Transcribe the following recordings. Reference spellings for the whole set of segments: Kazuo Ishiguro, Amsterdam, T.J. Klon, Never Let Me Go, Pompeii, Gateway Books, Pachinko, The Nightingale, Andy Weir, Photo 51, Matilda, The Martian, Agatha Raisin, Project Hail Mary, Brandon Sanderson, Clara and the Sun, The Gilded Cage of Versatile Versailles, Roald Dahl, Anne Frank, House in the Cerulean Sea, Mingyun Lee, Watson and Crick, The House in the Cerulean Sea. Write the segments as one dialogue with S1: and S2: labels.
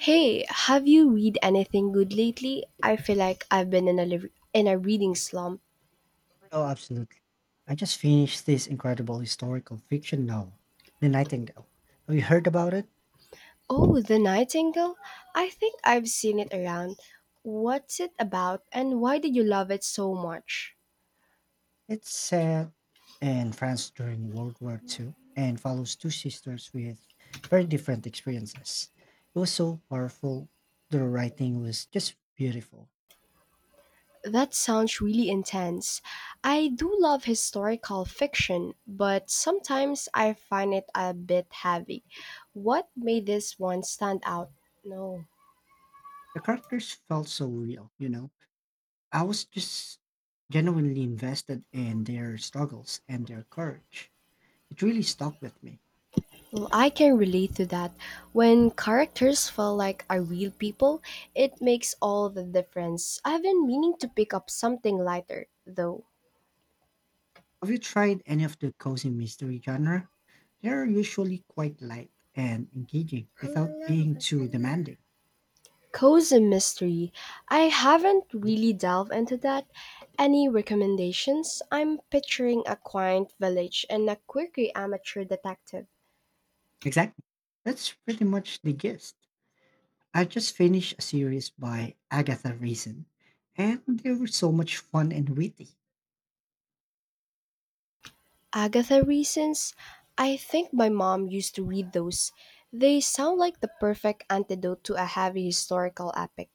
S1: Hey, have you read anything good lately? I feel like I've been in a reading slump.
S2: Oh, absolutely. I just finished this incredible historical fiction novel, The Nightingale. Have you heard about it?
S1: Oh, The Nightingale? I think I've seen it around. What's it about and why did you love it so much?
S2: It's set in France during World War II and follows two sisters with very different experiences. It was so powerful. The writing was just beautiful.
S1: That sounds really intense. I do love historical fiction, but sometimes I find it a bit heavy. What made this one stand out? No.
S2: The characters felt so real. I was just genuinely invested in their struggles and their courage. It really stuck with me.
S1: Well, I can relate to that. When characters feel like are real people, it makes all the difference. I've been meaning to pick up something lighter, though.
S2: Have you tried any of the cozy mystery genre? They're usually quite light and engaging without being too demanding.
S1: Cozy mystery. I haven't
S2: Yeah.
S1: really delved into that. Any recommendations? I'm picturing a quaint village and a quirky amateur detective.
S2: Exactly. That's pretty much the gist. I just finished a series by Agatha Raisin, and they were so much fun and witty.
S1: Agatha Reasons? I think my mom used to read those. They sound like the perfect antidote to a heavy historical epic.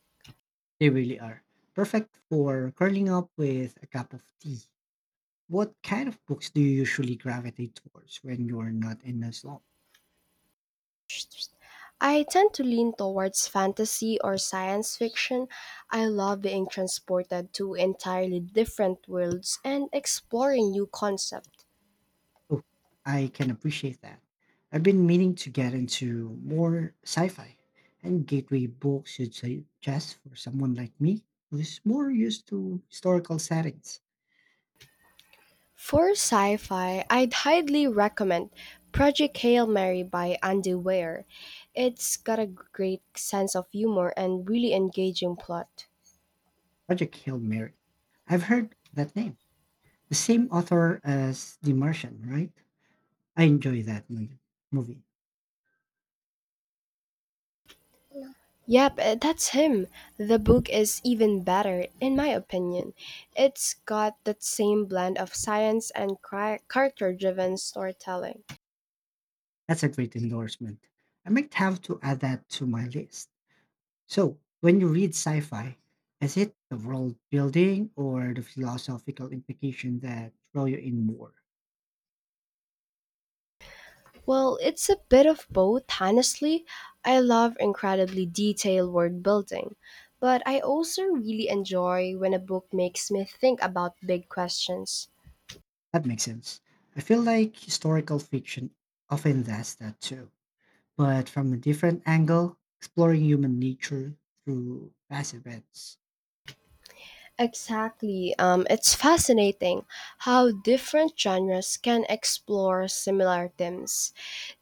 S2: They really are. Perfect for curling up with a cup of tea. What kind of books do you usually gravitate towards when you're not in a slump?
S1: I tend to lean towards fantasy or science fiction. I love being transported to entirely different worlds and exploring new concepts.
S2: Oh, I can appreciate that. I've been meaning to get into more sci fi, and Gateway Books should suggest for someone like me who's more used to historical settings.
S1: For sci fi, I'd highly recommend Project Hail Mary by Andy Weir. It's got a great sense of humor and really engaging plot.
S2: Project Hail Mary. I've heard that name. The same author as The Martian, right? I enjoy that movie.
S1: Yep, that's him. The book is even better, in my opinion. It's got that same blend of science and character driven storytelling.
S2: That's a great endorsement. I might have to add that to my list. So, when you read sci fi, is it the world building or the philosophical implication that draw you in more?
S1: Well, it's a bit of both, honestly. I love incredibly detailed world building, but I also really enjoy when a book makes me think about big questions.
S2: That makes sense. I feel like historical fiction often does that too, but from a different angle, exploring human nature through past events.
S1: Exactly. It's fascinating how different genres can explore similar themes.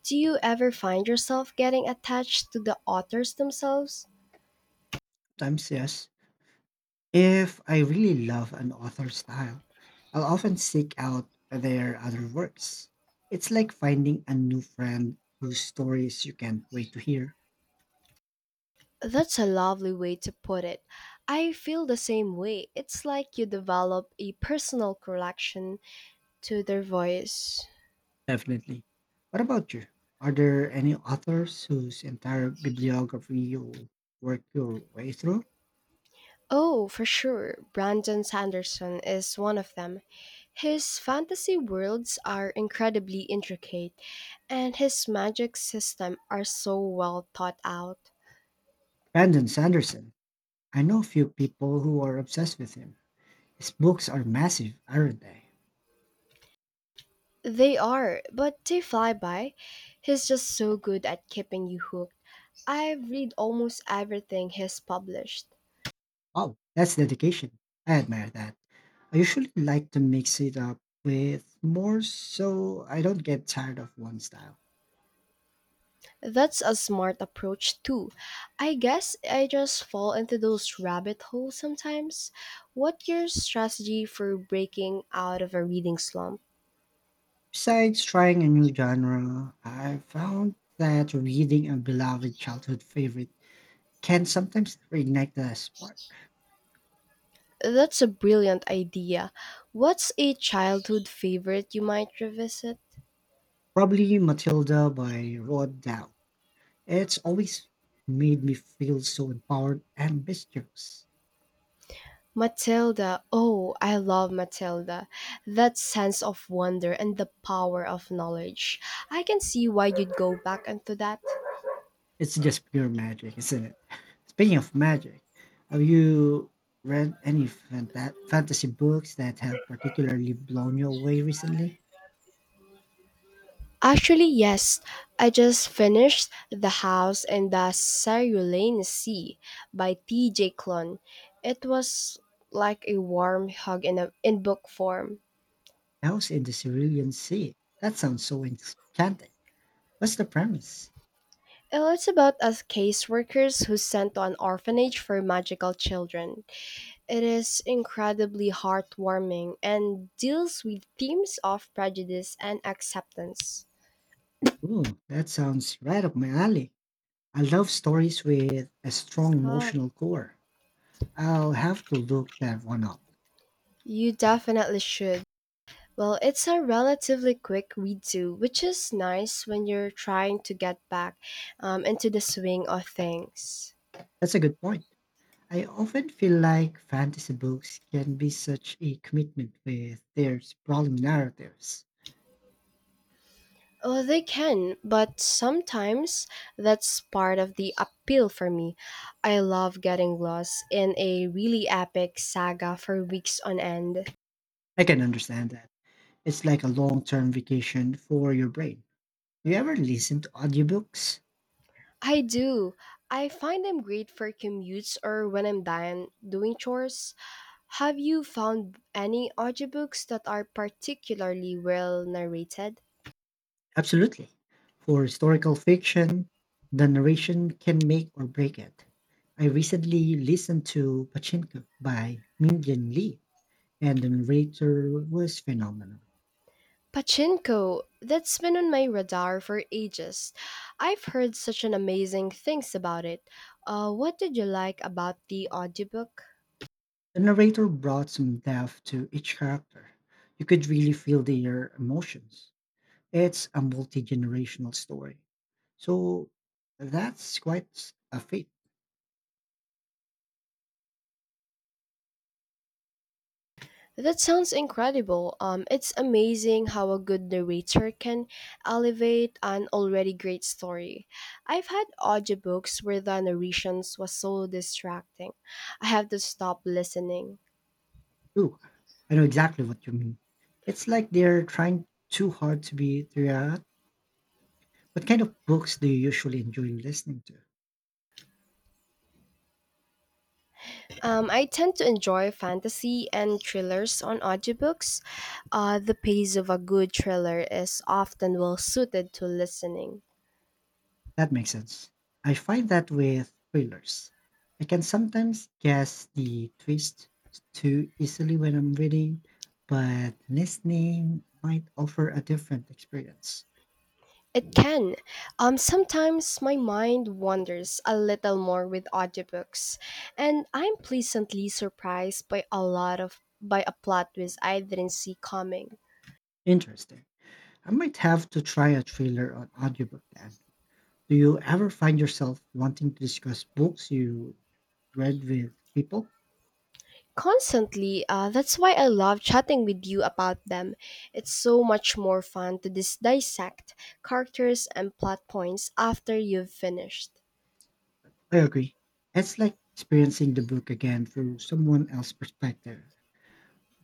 S1: Do you ever find yourself getting attached to the authors themselves?
S2: Sometimes, yes. If I really love an author's style, I'll often seek out their other works. It's like finding a new friend whose stories you can't wait to hear.
S1: That's a lovely way to put it. I feel the same way. It's like you develop a personal collection to their voice.
S2: Definitely. What about you? Are there any authors whose entire bibliography you work your way through?
S1: Oh, for sure. Brandon Sanderson is one of them. His fantasy worlds are incredibly intricate and his magic system are so well thought out.
S2: Brandon Sanderson. I know a few people who are obsessed with him. His books are massive, aren't they?
S1: They are, but they fly by. He's just so good at keeping you hooked. I read almost everything he's published.
S2: Wow, that's dedication. I admire that. I usually like to mix it up with more so I don't get tired of one style.
S1: That's a smart approach too. I guess I just fall into those rabbit holes sometimes. What's your strategy for breaking out of a reading slump?
S2: Besides trying a new genre, I found that reading a beloved childhood favorite can sometimes reignite the spark.
S1: That's a brilliant idea. What's a childhood favorite you might revisit?
S2: Probably Matilda by Roald Dahl. It's always made me feel so empowered and mischievous.
S1: Matilda! Oh, I love Matilda! That sense of wonder and the power of knowledge. I can see why you'd go back into that.
S2: It's just pure magic, isn't it? Speaking of magic, have you read any fantasy books that have particularly blown you away recently?
S1: Actually, yes. I just finished The House in the Cerulean Sea by T.J. Klon. It was like a warm hug in book form.
S2: House in the Cerulean Sea. That sounds so enchanting. What's the premise?
S1: It's about us caseworkers who sent to an orphanage for magical children. It is incredibly heartwarming and deals with themes of prejudice and acceptance.
S2: Ooh, that sounds right up my alley. I love stories with a strong
S1: Stop.
S2: emotional core. I'll have to look that one up.
S1: You definitely should. Well, it's a relatively quick read through, which is nice when you're trying to get back into the swing of things.
S2: That's a good point. I often feel like fantasy books can be such a commitment with their sprawling narratives.
S1: Well, they can, but sometimes that's part of the appeal for me. I love getting lost in a really epic saga for weeks on end.
S2: I can understand that. It's like a long term vacation for your brain. Do you ever listen to audiobooks?
S1: I do. I find them great for commutes or when I'm done doing chores. Have you found any audiobooks that are particularly well narrated?
S2: Absolutely. For historical fiction, the narration can make or break it. I recently listened to Pachinko by Mingyun Lee, and the narrator was phenomenal.
S1: Pachinko, that's been on my radar for ages. I've heard such an amazing things about it. What did you like about the audiobook?
S2: The narrator brought some depth to each character. You could really feel their emotions. It's a multi generational story. So that's quite a feat.
S1: That sounds incredible. It's amazing how a good narrator can elevate an already great story. I've had audiobooks where the narrations was so distracting. I have to stop listening.
S2: Too. I know exactly what you mean. It's like they're trying too hard to be throughout. What kind of books do you usually enjoy listening to?
S1: I tend to enjoy fantasy and thrillers on audiobooks. The pace of a good thriller is often well suited to listening.
S2: That makes sense. I find that with thrillers, I can sometimes guess the twist too easily when I'm reading, but listening might offer a different experience.
S1: It can. Sometimes my mind wanders a little more with audiobooks, and I'm pleasantly surprised by a plot twist I didn't see coming.
S2: Interesting. I might have to try a thriller on audiobook then. Do you ever find yourself wanting to discuss books you read with people?
S1: Constantly, that's why I love chatting with you about them. It's so much more fun to dissect characters and plot points after you've finished.
S2: I agree. It's like experiencing the book again through someone else's perspective.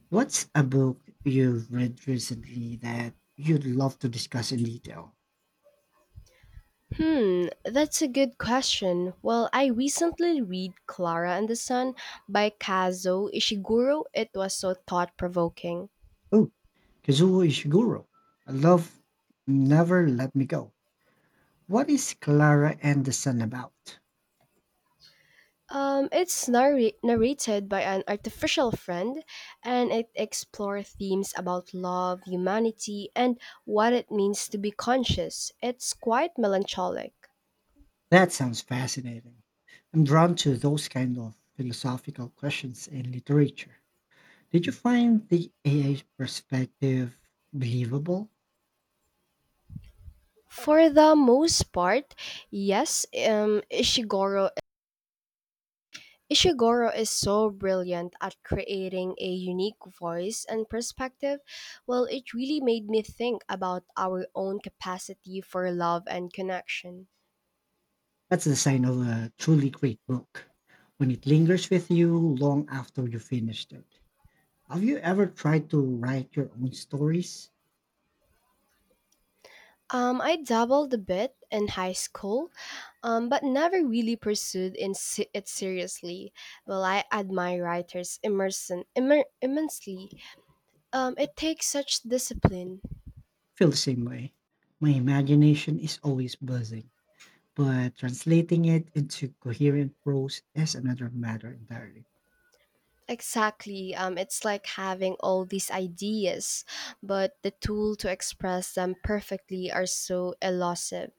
S2: What's a book you've read recently that you'd love to discuss in detail?
S1: Hmm, that's a good question. Well, I recently read Clara and the Sun by Kazuo Ishiguro. It was so thought provoking.
S2: Oh, Kazuo Ishiguro. I love Never Let Me Go. What is Clara and the Sun about?
S1: It's narrated by an artificial friend and it explores themes about love, humanity, and what it means to be conscious. It's quite melancholic.
S2: That sounds fascinating. I'm drawn to those kind of philosophical questions in literature. Did you find the AI perspective believable?
S1: For the most part, yes, Ishiguro is so brilliant at creating a unique voice and perspective. Well, it really made me think about our own capacity for love and connection.
S2: That's the sign of a truly great book when it lingers with you long after you finished it. Have you ever tried to write your own stories?
S1: I dabbled a bit in high school, but never really pursued it seriously. Well, I admire writers immensely. It takes such discipline.
S2: Feel the same way. My imagination is always buzzing, but translating it into coherent prose is another matter entirely.
S1: Exactly. It's like having all these ideas, but the tool to express them perfectly are so elusive.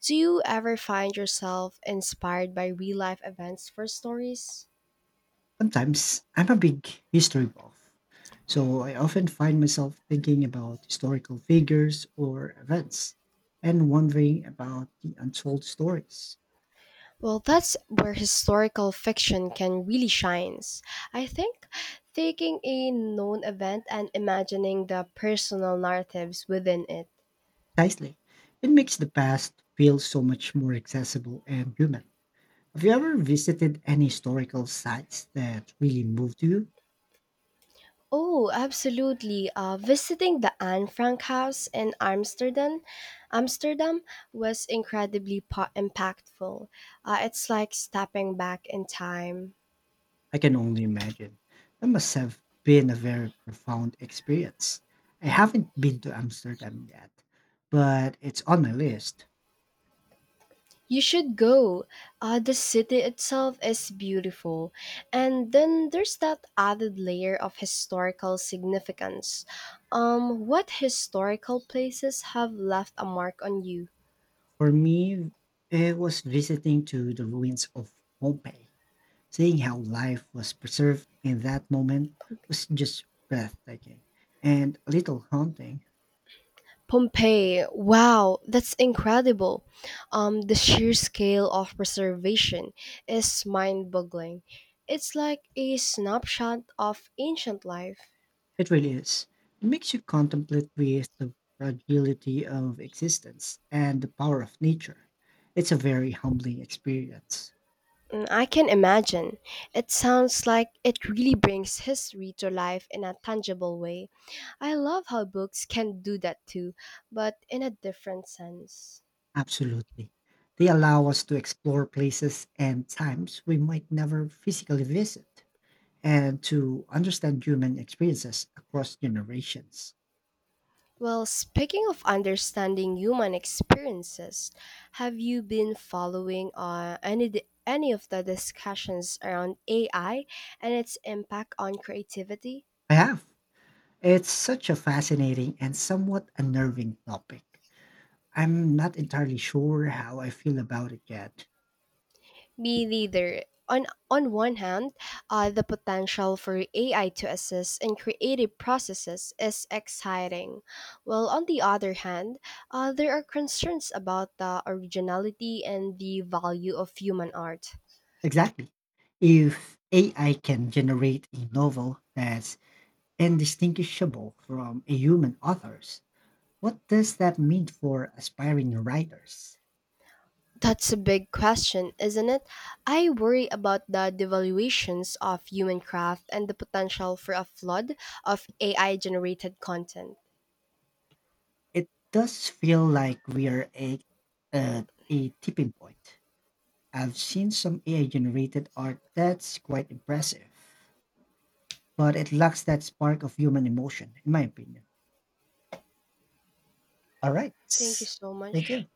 S1: Do you ever find yourself inspired by real life events for stories?
S2: Sometimes I'm a big history buff, so I often find myself thinking about historical figures or events and wondering about the untold stories.
S1: Well, that's where historical fiction can really shines. I think taking a known event and imagining the personal narratives within it.
S2: Precisely, it makes the past feel so much more accessible and human. Have you ever visited any historical sites that really moved you?
S1: Oh, absolutely. Visiting the Anne Frank house in Amsterdam was incredibly impactful. It's like stepping back in time.
S2: I can only imagine. That must have been a very profound experience. I haven't been to Amsterdam yet, but it's on my list.
S1: You should go. The city itself is beautiful. And then there's that added layer of historical significance. What historical places have left a mark on you?
S2: For me, it was visiting to the ruins of Pompeii. Seeing how life was preserved in that moment was just breathtaking and a little haunting.
S1: Pompeii, wow, that's incredible. The sheer scale of preservation is mind boggling. It's like a snapshot of ancient life.
S2: It really is. It makes you contemplate with the fragility of existence and the power of nature. It's a very humbling experience.
S1: Mm, I can imagine. It sounds like it really brings history to life in a tangible way. I love how books can do that too, but in a different sense.
S2: Absolutely. They allow us to explore places and times we might never physically visit and to understand human experiences across generations.
S1: Well, speaking of understanding human experiences, have you been following any of the discussions around AI and its impact on creativity?
S2: I have. It's such a fascinating and somewhat unnerving topic. I'm not entirely sure how I feel about it yet.
S1: Me neither. On one hand, the potential for AI to assist in creative processes is exciting. Well, on the other hand, there are concerns about the originality and the value of human art.
S2: Exactly. If AI can generate a novel that's indistinguishable from a human author's, what does that mean for aspiring writers?
S1: That's a big question, isn't it? I worry about the devaluations of human craft and the potential for a flood of AI generated content.
S2: It does feel like we're at a tipping point. I've seen some AI generated art that's quite impressive, but it lacks that spark of human emotion, in my opinion. All right.
S1: Thank you so
S2: Thank
S1: much.
S2: you.